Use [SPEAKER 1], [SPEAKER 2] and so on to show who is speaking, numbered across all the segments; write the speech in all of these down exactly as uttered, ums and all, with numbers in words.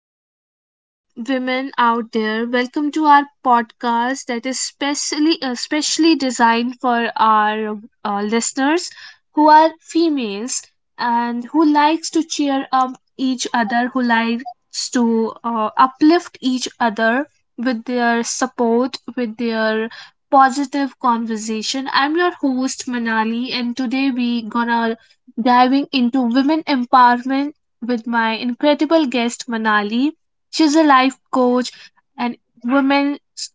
[SPEAKER 1] beautiful uh, women out there. Welcome to our podcast that is specially uh, specially designed for our uh, listeners who are females and who likes to cheer up each other, who likes to uh, uplift each other with their support, with their positive conversation. I'm your host Manali, and today we gonna diving into women empowerment with my incredible guest, Manali. She's a life coach and woman s-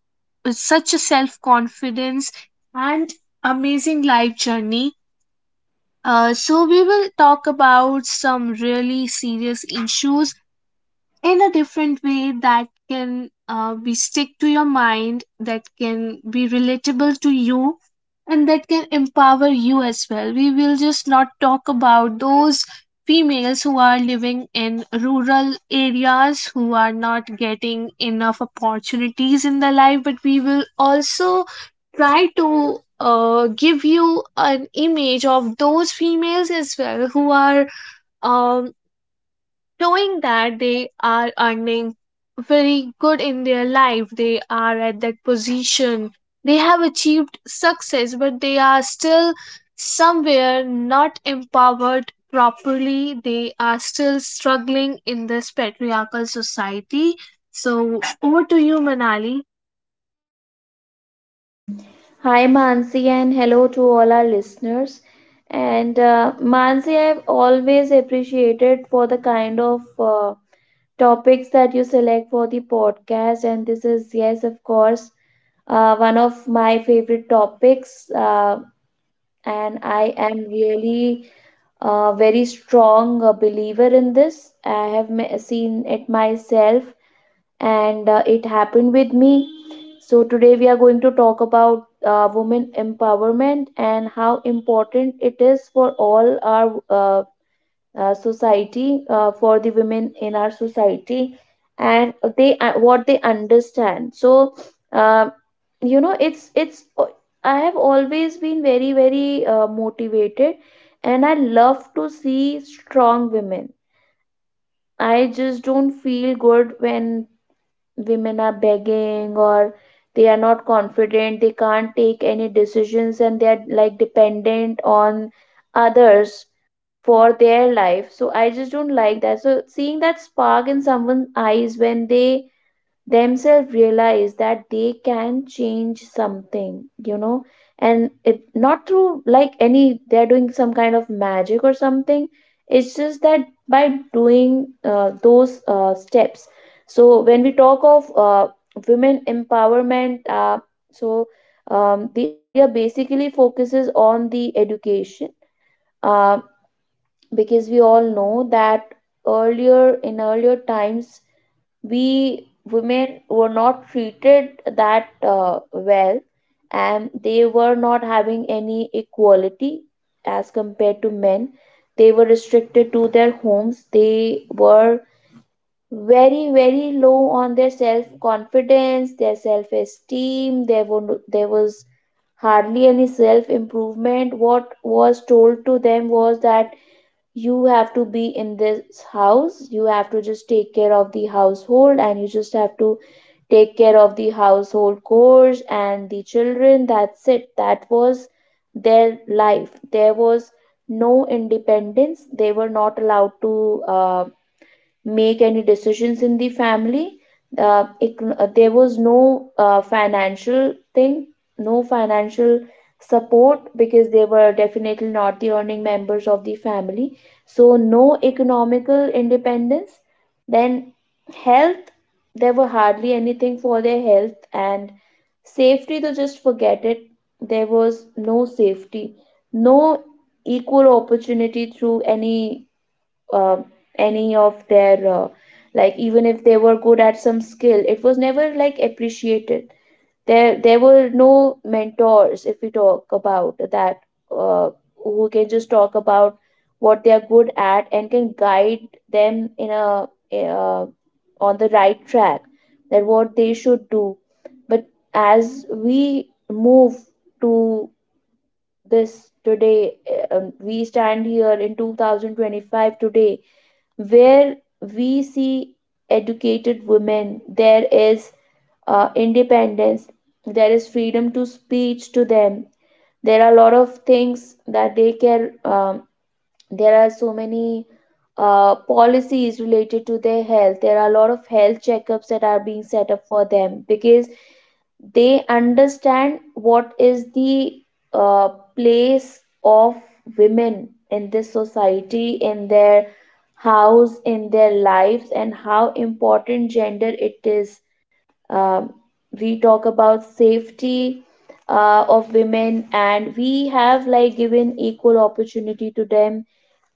[SPEAKER 1] with such a self confidence and amazing life journey. Uh, so, we will talk about some really serious issues in a different way that can uh, be stick to your mind, that can be relatable to you and that can empower you as well. We will just not talk about those females who are living in rural areas, who are not getting enough opportunities in their life, but we will also try to uh, give you an image of those females as well who are, um, knowing that they are earning very good in their life, they are at that position, they have achieved success, but they are still somewhere not empowered properly. They are still struggling in this patriarchal society. So over to you, Manali.
[SPEAKER 2] Hi, Mansi, and hello to all our listeners. And uh, Mansi, I've always appreciated for the kind of uh, topics that you select for the podcast. And this is, yes, of course, uh, one of my favorite topics. Uh, and I am really a very strong uh, believer in this. I have me- seen it myself and uh, it happened with me. So, today we are going to talk about uh, women empowerment and how important it is for all our uh, uh, society, uh, for the women in our society, and they uh, what they understand. So, uh, you know, it's it's. I have always been very very uh, motivated, and I love to see strong women. I just don't feel good when women are begging or they are not confident, they can't take any decisions, and they are like dependent on others for their life. So I just don't like that. So seeing that spark in someone's eyes when they themselves realize that they can change something, you know, and it not through like any, they're doing some kind of magic or something, it's just that by doing uh, those uh, steps. So when we talk of uh, women empowerment, uh, so um, the idea basically focuses on the education, uh, because we all know that earlier in earlier times we women were not treated that uh, well, and they were not having any equality as compared to men. They were restricted to their homes. They were very very low on their self confidence, their self esteem. There were no- there was hardly any self improvement. What was told to them was that you have to be in this house, you have to just take care of the household, and you just have to take care of the household chores and the children, that's it. That was their life. There was no independence. They were not allowed to uh, make any decisions in the family. Uh, ec- uh, there was no uh, financial thing, no financial support because they were definitely not the earning members of the family. So, no economical independence. Then, health, there were hardly anything for their health, and safety, to just forget it. There was no safety, no equal opportunity through any uh, any of their uh, like even if they were good at some skill, it was never like appreciated. There there were no mentors, if we talk about that, uh, who can just talk about what they are good at and can guide them in a uh, on the right track, that what they should do. But as we move to this today uh, um, we stand here in twenty twenty-five today, where we see educated women. There is uh, independence, there is freedom to speech to them. There are a lot of things that they can um, there are so many uh, policies related to their health. There are a lot of health checkups that are being set up for them because they understand what is the uh, place of women in this society, in their house, in their lives, and how important gender it is. um, we talk about safety uh, of women, and we have like given equal opportunity to them.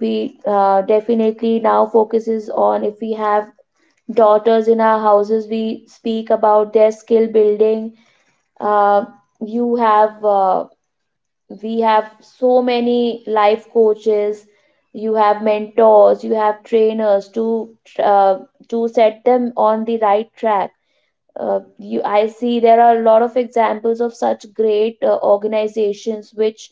[SPEAKER 2] We uh, definitely now focuses on if we have daughters in our houses, we speak about their skill building. uh, you have uh, we have so many life coaches, you have mentors, you have trainers to uh, to set them on the right track. Uh, you I see there are a lot of examples of such great uh, organizations which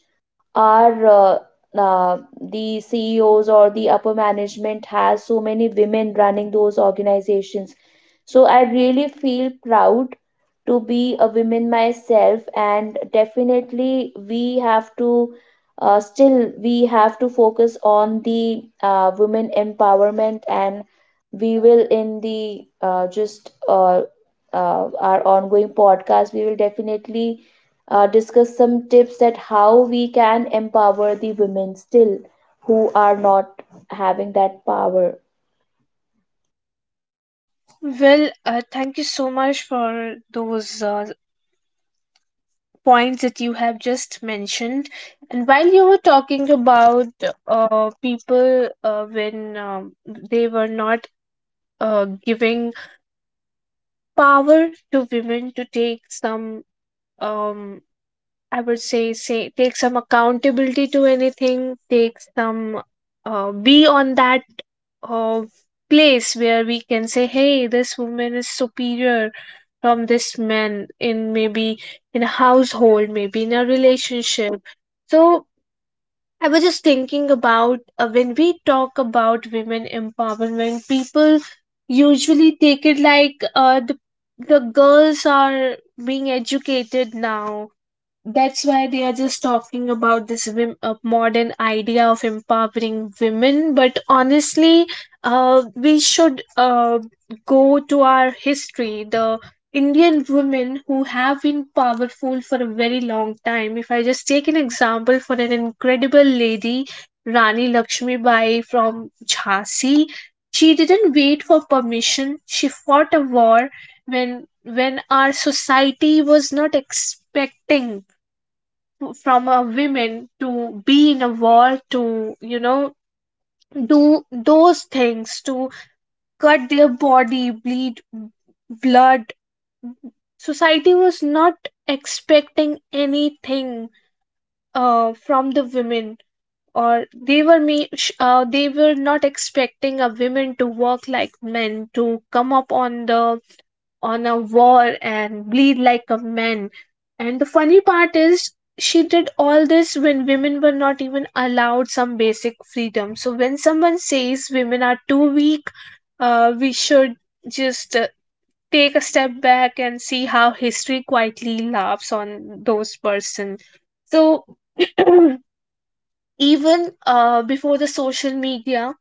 [SPEAKER 2] our uh, uh, the C E Os or the upper management has so many women running those organizations. So I really feel proud to be a woman myself, and definitely we have to uh, still we have to focus on the uh, women empowerment, and we will in the uh, just uh, uh, our ongoing podcast, we will definitely uh, discuss some tips that how we can empower the women still who are not having that power.
[SPEAKER 1] Well, uh, thank you so much for those uh, points that you have just mentioned. And while you were talking about uh, people, uh, when um, they were not uh, giving power to women to take some, um, I would say, say, take some accountability to anything, take some, uh, be on that uh, place where we can say, hey, this woman is superior from this man, in maybe in a household, maybe in a relationship. So I was just thinking about, uh, when we talk about women empowerment, people usually take it like uh, the, the girls are being educated now, that's why they are just talking about this wim- uh, modern idea of empowering women. But honestly, uh, we should uh, go to our history. The Indian women who have been powerful for a very long time, if I just take an example for an incredible lady, Rani Lakshmibai from Jhansi. She didn't wait for permission, she fought a war when, when our society was not expecting from a women to be in a war, to, you know, do those things, to cut their body, bleed blood. Society was not expecting anything uh, from the women. Or they were me sh- uh, they were not expecting a women to work like men, to come up on the, on a war and bleed like a man. And the funny part is, she did all this when women were not even allowed some basic freedom. So when someone says women are too weak, uh, we should just uh, take a step back and see how history quietly laughs on those person. So even uh, before the social media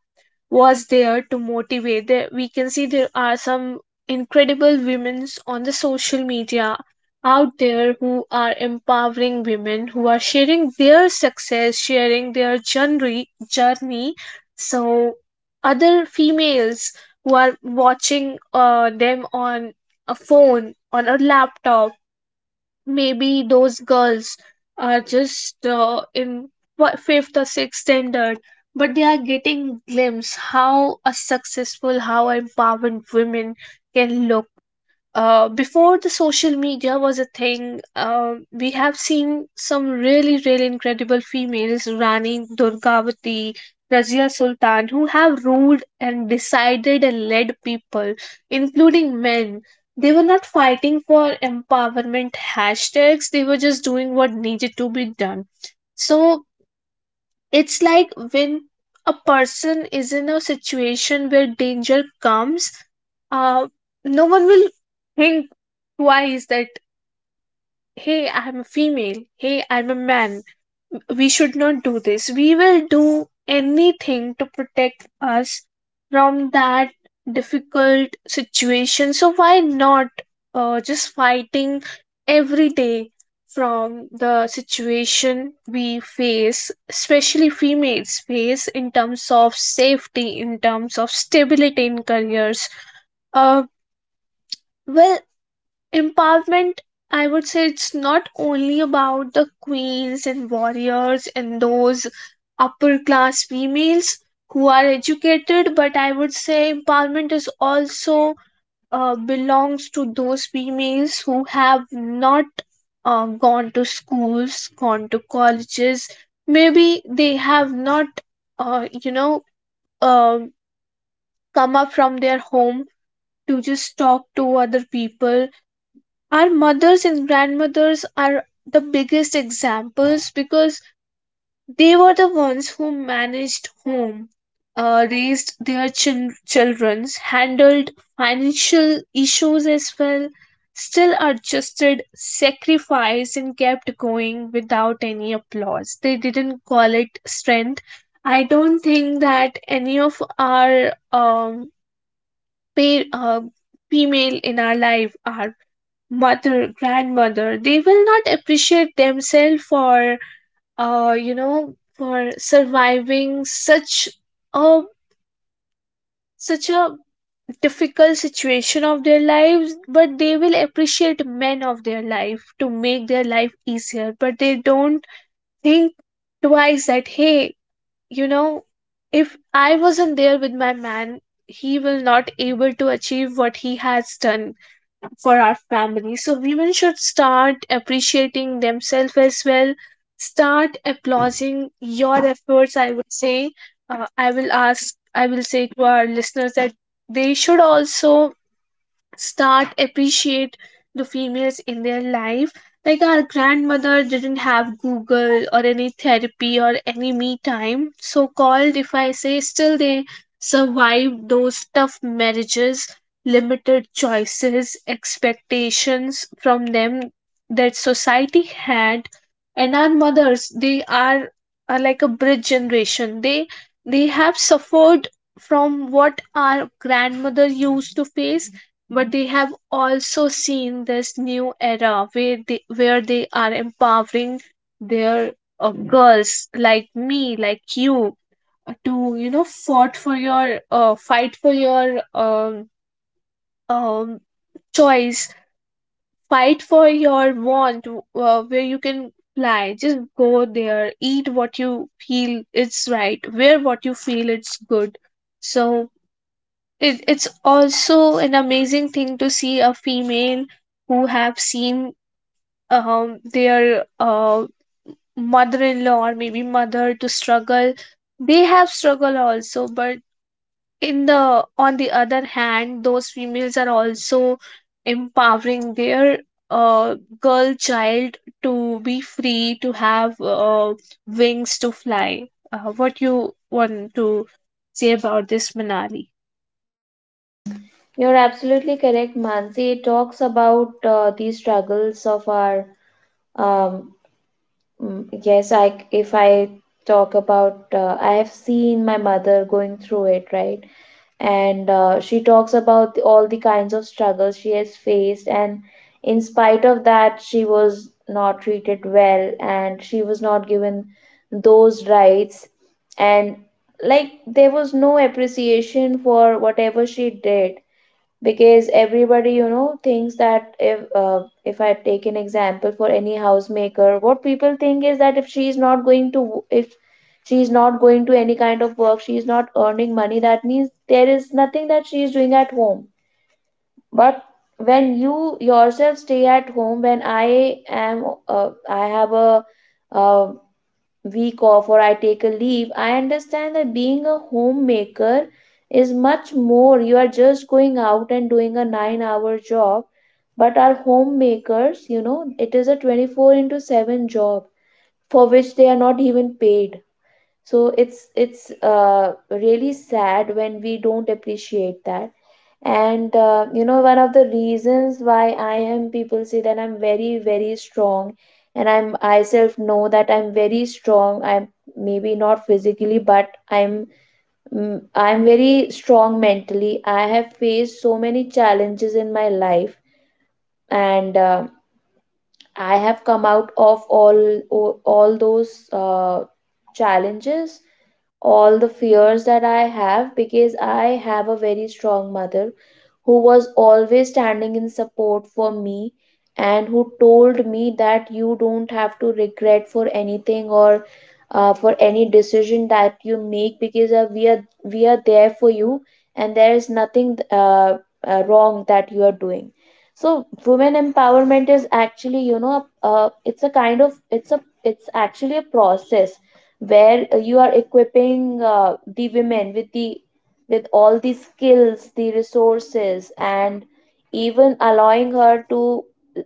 [SPEAKER 1] was there to motivate. There, we can see there are some incredible women on the social media out there who are empowering women, who are sharing their success, sharing their journey, journey. So other females who are watching uh, them on a phone, on a laptop, maybe those girls are just uh, in what fifth or sixth standard, but they are getting glimpse how a successful, how empowered women can look. Uh, before the social media was a thing, uh, we have seen some really, really incredible females, Rani Durgavati, Razia Sultan, who have ruled and decided and led people, including men. They were not fighting for empowerment hashtags, they were just doing what needed to be done. So it's like when a person is in a situation where danger comes, uh, no one will think twice that, hey, I'm a female, hey, I'm a man, we should not do this. We will do anything to protect us from that difficult situation. So why not uh, just fighting every day from the situation we face, especially females face in terms of safety, in terms of stability in careers. Uh, well, Empowerment, I would say it's not only about the queens and warriors and those upper class females who are educated, but I would say empowerment is also uh, belongs to those females who have not uh, gone to schools, gone to colleges. Maybe they have not, uh, you know, uh, come up from their home to just talk to other people. Our mothers and grandmothers are the biggest examples, because they were the ones who managed home, uh, raised their chil- children, handled financial issues as well, still adjusted, sacrificed, and kept going without any applause. They didn't call it strength. I don't think that any of our um, pa- uh, female in our life are, mother, grandmother, they will not appreciate themselves for, uh you know for surviving such a such a difficult situation of their lives. But they will appreciate men of their life to make their life easier, but they don't think twice that, hey, you know, if I wasn't there with my man, he will not able to achieve what he has done for our family. So women should start appreciating themselves as well. Start applauding your efforts, I would say. uh, i will ask I will say to our listeners that they should also start appreciate the females in their life. Like, our grandmother didn't have Google or any therapy or any me time, so called, if I say. Still they survived those tough marriages, limited choices, expectations from them that society had. And our mothers, they are, are like a bridge generation. They they have suffered from what our grandmother used to face, but they have also seen this new era where they where they are empowering their uh, girls, like me, like you, to, you know, fought for your uh, fight for your um, um choice, fight for your want, uh, where you can fly, just go there, eat what you feel it's right, wear what you feel it's good. So it, it's also an amazing thing to see a female who have seen um, their uh, mother-in-law or maybe mother to struggle. They have struggle also, but in the on the other hand, those females are also empowering their uh, girl child to be free, to have uh, wings to fly uh, what you want to say about this, Manali.
[SPEAKER 2] You're absolutely correct, Mansi. It talks about uh, the struggles of our. Um, mm, yes, I if I talk about, uh, I have seen my mother going through it, right? And uh, she talks about the, all the kinds of struggles she has faced, and in spite of that, she was not treated well, and she was not given those rights, and like there was no appreciation for whatever she did, because everybody, you know, thinks that if uh, if I take an example for any housemaker, what people think is that if she is not going to, if she is not going to any kind of work, she is not earning money, that means there is nothing that she is doing at home. But when you yourself stay at home, when i am uh, i have a uh, week off or I take a leave, I understand that being a homemaker is much more. You are just going out and doing a nine hour job, but our homemakers, you know, it is a twenty-four into seven job for which they are not even paid. So it's it's uh, really sad when we don't appreciate that. And uh, you know, one of the reasons why I am people say that I'm very very strong, and i'm i self know that I'm very strong. I'm maybe not physically, but i'm mm, i'm very strong mentally. I have faced so many challenges in my life, and uh, I have come out of all all those uh, challenges, all the fears that I have, because I have a very strong mother who was always standing in support for me, and who told me that you don't have to regret for anything or uh, for any decision that you make, because uh, we are we are there for you, and there is nothing uh, uh, wrong that you are doing. So women empowerment is actually, you know, uh, it's a kind of, it's a it's actually a process where you are equipping uh, the women with the, with all the skills, the resources, and even allowing her to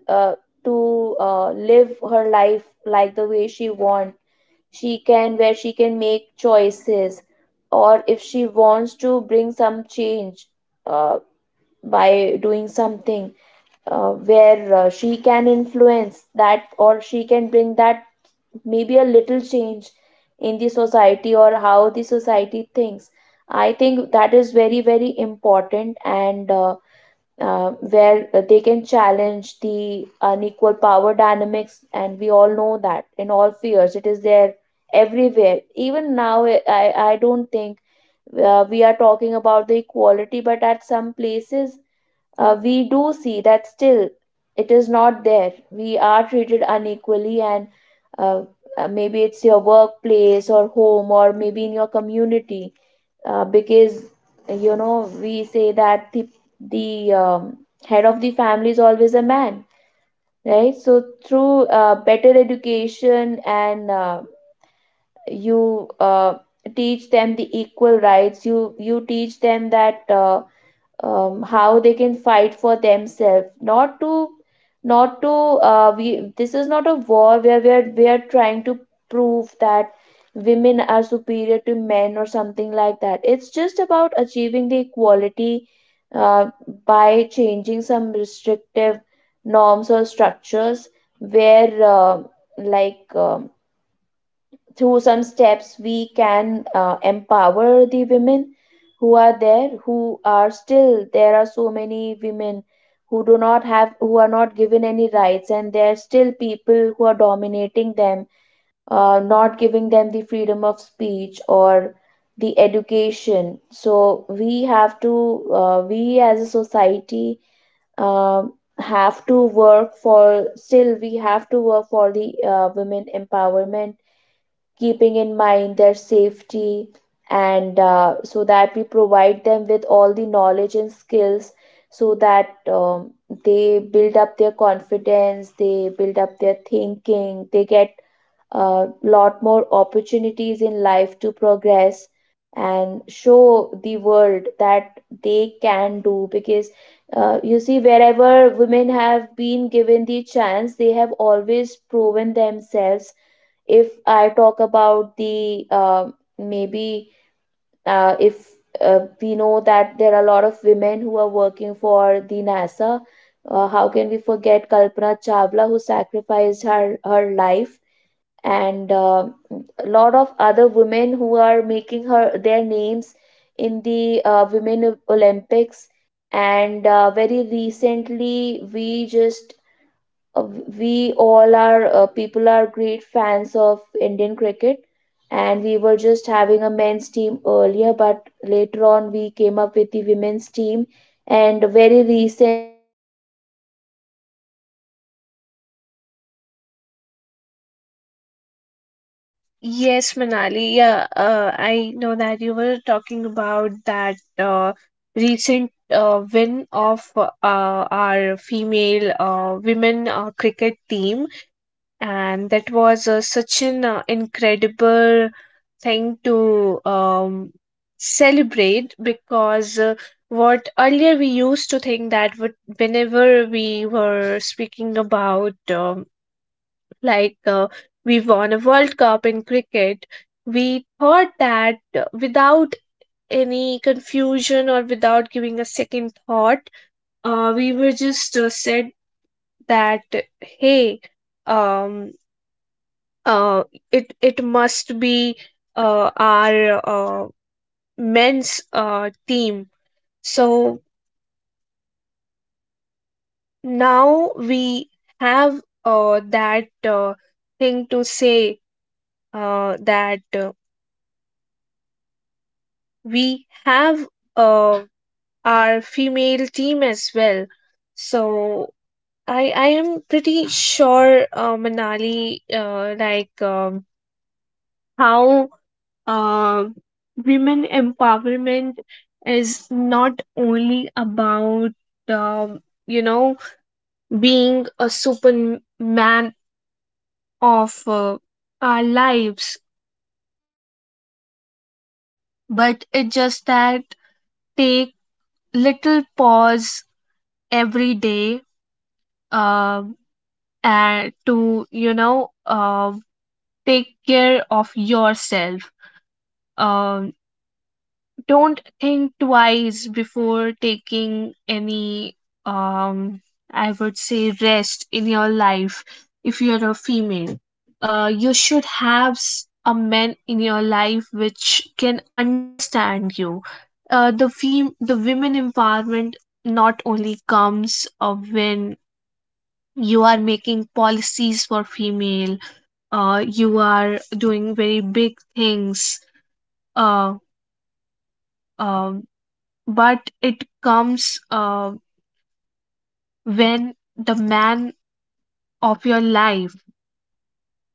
[SPEAKER 2] uh, to uh, live her life like the way she wants. She can, where she can make choices, or if she wants to bring some change uh, by doing something uh, where uh, she can influence that, or she can bring that maybe a little change in the society or how the society thinks. I think that is very very important, and uh, uh, where they can challenge the unequal power dynamics, and we all know that in all spheres it is there everywhere even now. i i I don't think uh, we are talking about the equality, but at some places uh, we do see that still it is not there. We are treated unequally, and uh, uh, maybe it's your workplace or home or maybe in your community, uh, because you know we say that the the um, head of the family is always a man, right? So through uh, better education and uh, you uh, teach them the equal rights, you you teach them that. Uh, um, how they can fight for themselves, not to not to uh, we, this is not a war where we are we are trying to prove that women are superior to men or something like that. It's just about achieving the equality uh, by changing some restrictive norms or structures, where uh, like um through some steps we can uh, empower the women who are there, who are still, there are so many women who do not have, who are not given any rights, and there are still people who are dominating them, uh, not giving them the freedom of speech or the education. So we have to uh, we as a society um have to work for, still we have to work for the uh, women empowerment, keeping in mind their safety, and uh, so that we provide them with all the knowledge and skills, so that um, they build up their confidence, they build up their thinking, they get a lot more opportunities in life to progress and show the world that they can do, because uh, you see wherever women have been given the chance, they have always proven themselves. If I talk about the uh, maybe uh, if uh, we know that there are a lot of women who are working for the nasa. Uh, how can we forget Kalpana Chawla, who sacrificed her her life, and uh, a lot of other women who are making her their names in the uh, women Olympics. And uh, very recently we just uh, we all are uh, people are great fans of Indian cricket, and we were just having a men's team earlier, but later on we came up with the women's team, and very recently after so many years the women team won the World Cup, where
[SPEAKER 1] Yes,
[SPEAKER 2] everyone was
[SPEAKER 1] Manali.
[SPEAKER 2] so
[SPEAKER 1] Yeah,
[SPEAKER 2] proud
[SPEAKER 1] uh,
[SPEAKER 2] of them.
[SPEAKER 1] I
[SPEAKER 2] So
[SPEAKER 1] know that you were
[SPEAKER 2] definitely
[SPEAKER 1] talking
[SPEAKER 2] if
[SPEAKER 1] about that
[SPEAKER 2] we
[SPEAKER 1] uh,
[SPEAKER 2] are going to
[SPEAKER 1] recent
[SPEAKER 2] uh,
[SPEAKER 1] uh,
[SPEAKER 2] support
[SPEAKER 1] win
[SPEAKER 2] them,
[SPEAKER 1] of uh,
[SPEAKER 2] definitely they
[SPEAKER 1] our
[SPEAKER 2] will bring
[SPEAKER 1] female
[SPEAKER 2] some
[SPEAKER 1] uh,
[SPEAKER 2] flying
[SPEAKER 1] women uh,
[SPEAKER 2] colors.
[SPEAKER 1] cricket team,
[SPEAKER 2] And
[SPEAKER 1] and that was uh,
[SPEAKER 2] uh,
[SPEAKER 1] such an uh,
[SPEAKER 2] so we have to,
[SPEAKER 1] incredible
[SPEAKER 2] it's just that you have
[SPEAKER 1] thing
[SPEAKER 2] to give them
[SPEAKER 1] to um,
[SPEAKER 2] opportunities nowadays. We
[SPEAKER 1] celebrate.
[SPEAKER 2] see so
[SPEAKER 1] Because
[SPEAKER 2] many
[SPEAKER 1] uh,
[SPEAKER 2] people,
[SPEAKER 1] what
[SPEAKER 2] uh, so
[SPEAKER 1] earlier we
[SPEAKER 2] many
[SPEAKER 1] used
[SPEAKER 2] uh,
[SPEAKER 1] to think,
[SPEAKER 2] women
[SPEAKER 1] that would-
[SPEAKER 2] becoming the I P S
[SPEAKER 1] whenever we were speaking about, um, like uh, we won a World Cup in cricket, we thought that uh, without any confusion or without giving a second thought, uh, we were just uh, said that, hey, um, uh, it it must be uh, our uh, men's uh, team. So now we have uh, that uh, thing to say uh, that uh, we have uh, our female team as well. So I I am pretty sure, uh, Manali, uh, like um, how uh, women empowerment is not only about um, you know being a superman of uh, our lives, but it just that, take little pause every day. Um, uh, to, you know, uh, take care of yourself, um, don't think twice before taking any, um, I would say, rest in your life. If you're a female, uh, you should have s- a man in your life which can understand you. Uh, the fem- the women empowerment not only comes uh, when you are making policies for female, uh, you are doing very big things, uh, um but it comes uh, when the man of your life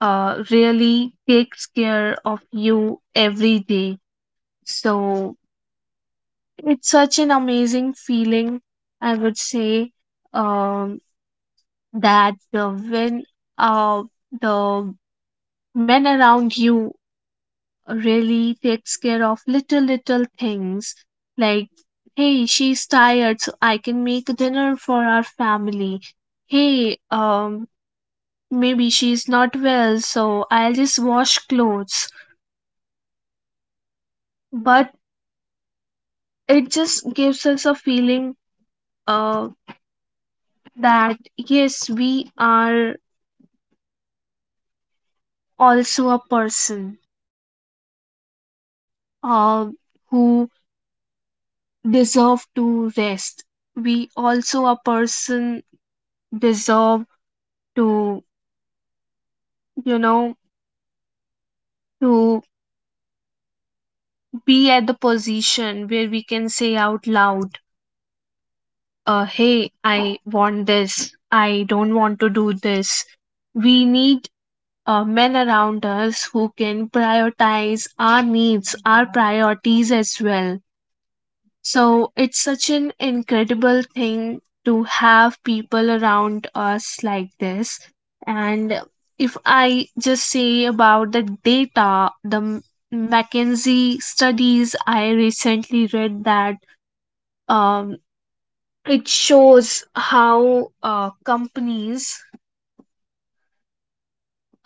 [SPEAKER 1] uh, really takes care of you every day. So it's such an amazing feeling, I would say, um, that uh, when uh, the men around you really takes care of little little things, like, hey, she's tired, so I can make dinner for our family. Hey, um maybe she's not well, so I'll just wash clothes. But it just gives us a feeling uh, that yes, we are also a person uh, who deserve to rest. We also a person deserve to, you know, to be at the position where we can say out loud, uh, hey, I want this, I don't want to do this. We need uh, men around us who can prioritize our needs, our priorities as well. So it's such an incredible thing to have people around us like this. And if I just say about the data, the M- McKinsey studies I recently read that um, it shows how uh, companies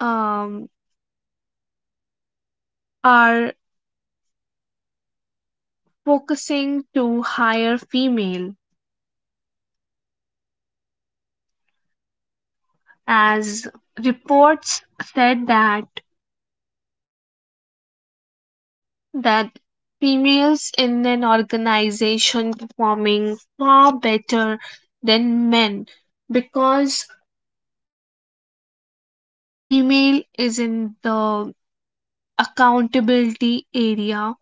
[SPEAKER 1] um, are focusing to hire female as reports said that that females in an organization performing far better than men because female is in the accountability area,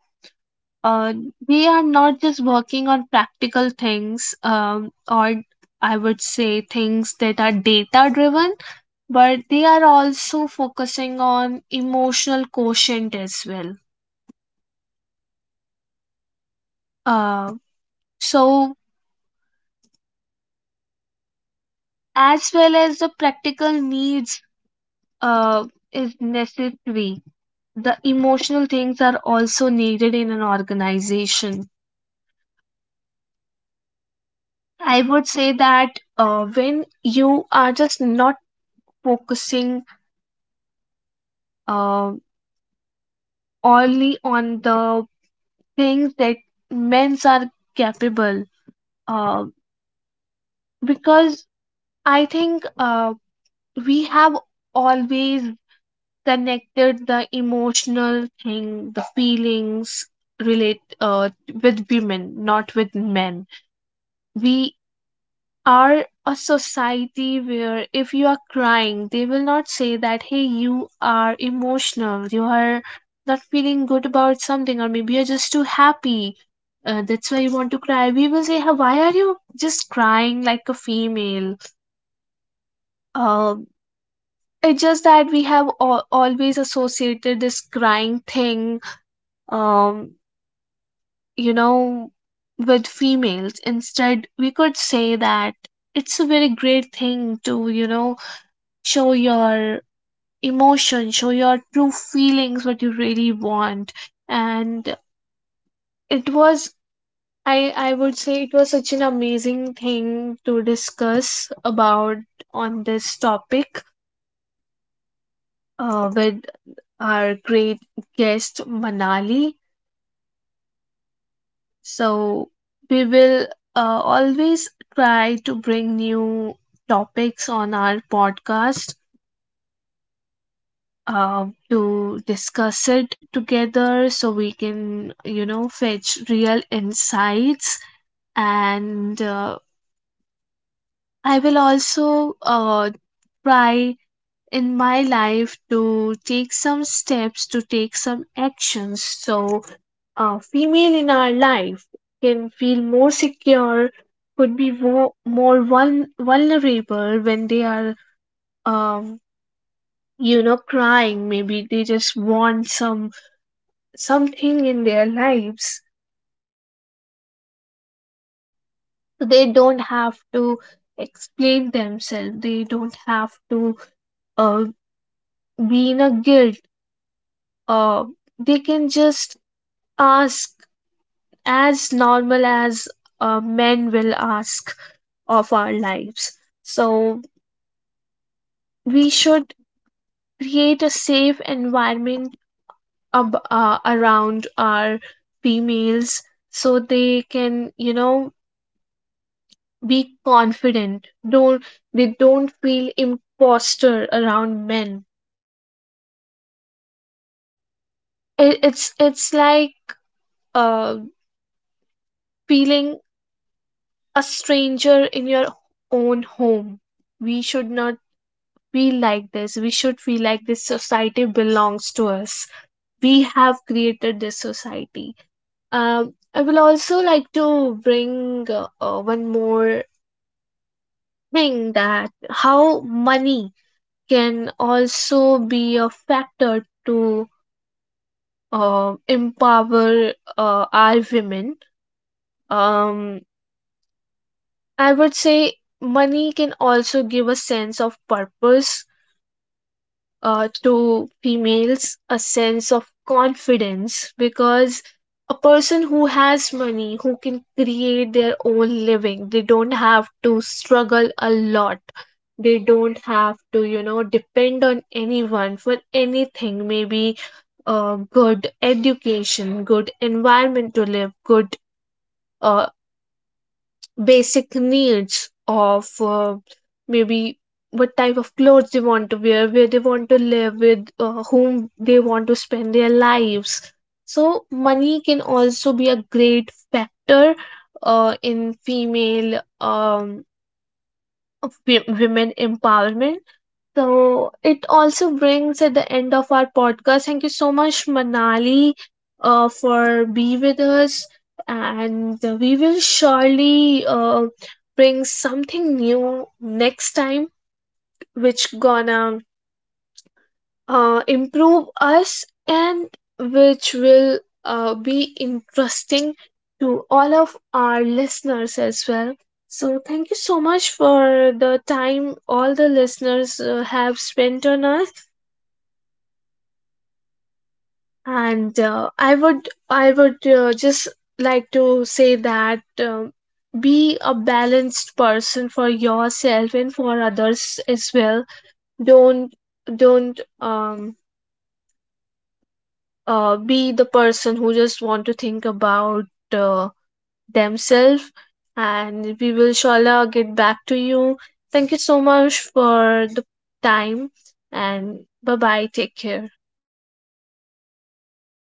[SPEAKER 1] uh, they are not just working on practical things, um, or I would say things that are data driven, but they are also focusing on emotional quotient as well. Uh, so as well as the practical needs, uh, is necessary. The emotional things are also needed in an organization. I would say that uh, when you are just not focusing, uh, only on the things that men's are capable, uh, because I think uh, we have always connected the emotional thing, the feelings relate uh, with women, not with men. We are a society where if you are crying, they will not say that, hey, you are emotional, you are not feeling good about something, or maybe you're just too happy. Uh, that's why you want to cry. We will say, "Huh, why are you just crying like a female? Uh, it's just that we have al- always associated this crying thing, um, you know, with females. Instead, we could say that it's a very great thing to, you know, show your emotion, show your true feelings, what you really want. And it was, I, I would say, it was such an amazing thing to discuss about on this topic uh, with our great guest, Manali. So we will uh, always try to bring new topics on our podcast uh, to discuss it together so we can, you know, fetch real insights. And uh, I will also uh, try in my life to take some steps, to take some actions so a female in our life can feel more secure, could be more, more vul- vulnerable when they are. Um, you know crying, maybe they just want some something in their lives. They don't have to explain themselves. They don't have to, uh, be in a guilt, uh, they can just ask as normal as uh, men will ask of our lives. So we should create a safe environment ab- uh, around our females so they can, you know, be confident. Don't they don't feel imposter around men. It, it's it's like, uh feeling a stranger in your own home. We should not feel like this. We should feel like this society belongs to us. We have created this society. um I will also like to bring uh, uh, one more thing: that how money can also be a factor to, um, empower uh, our women. Um, I would say money can also give a sense of purpose uh, to females, a sense of confidence, because a person who has money, who can create their own living, they don't have to struggle a lot. They don't have to, you know, depend on anyone for anything. Maybe uh, good education, good environment to live, good uh, basic needs of, uh, maybe what type of clothes they want to wear, where they want to live, with uh, whom they want to spend their lives. So, money can also be a great factor uh, in female um, of wo- women empowerment. So it also brings at the end of our podcast. Thank you so much, Manali, uh, for be with us, and we will surely uh, bring something new next time, which gonna uh, improve us and which will uh, be interesting to all of our listeners as well. So thank you so much for the time all the listeners uh, have spent on us. And uh, i would i would uh, just like to say that, um be a balanced person for yourself and for others as well. Don't don't um uh, be the person who just want to think about, uh, themselves. And we will, inshallah, get back to you. Thank you so much for the time. And bye bye, take care.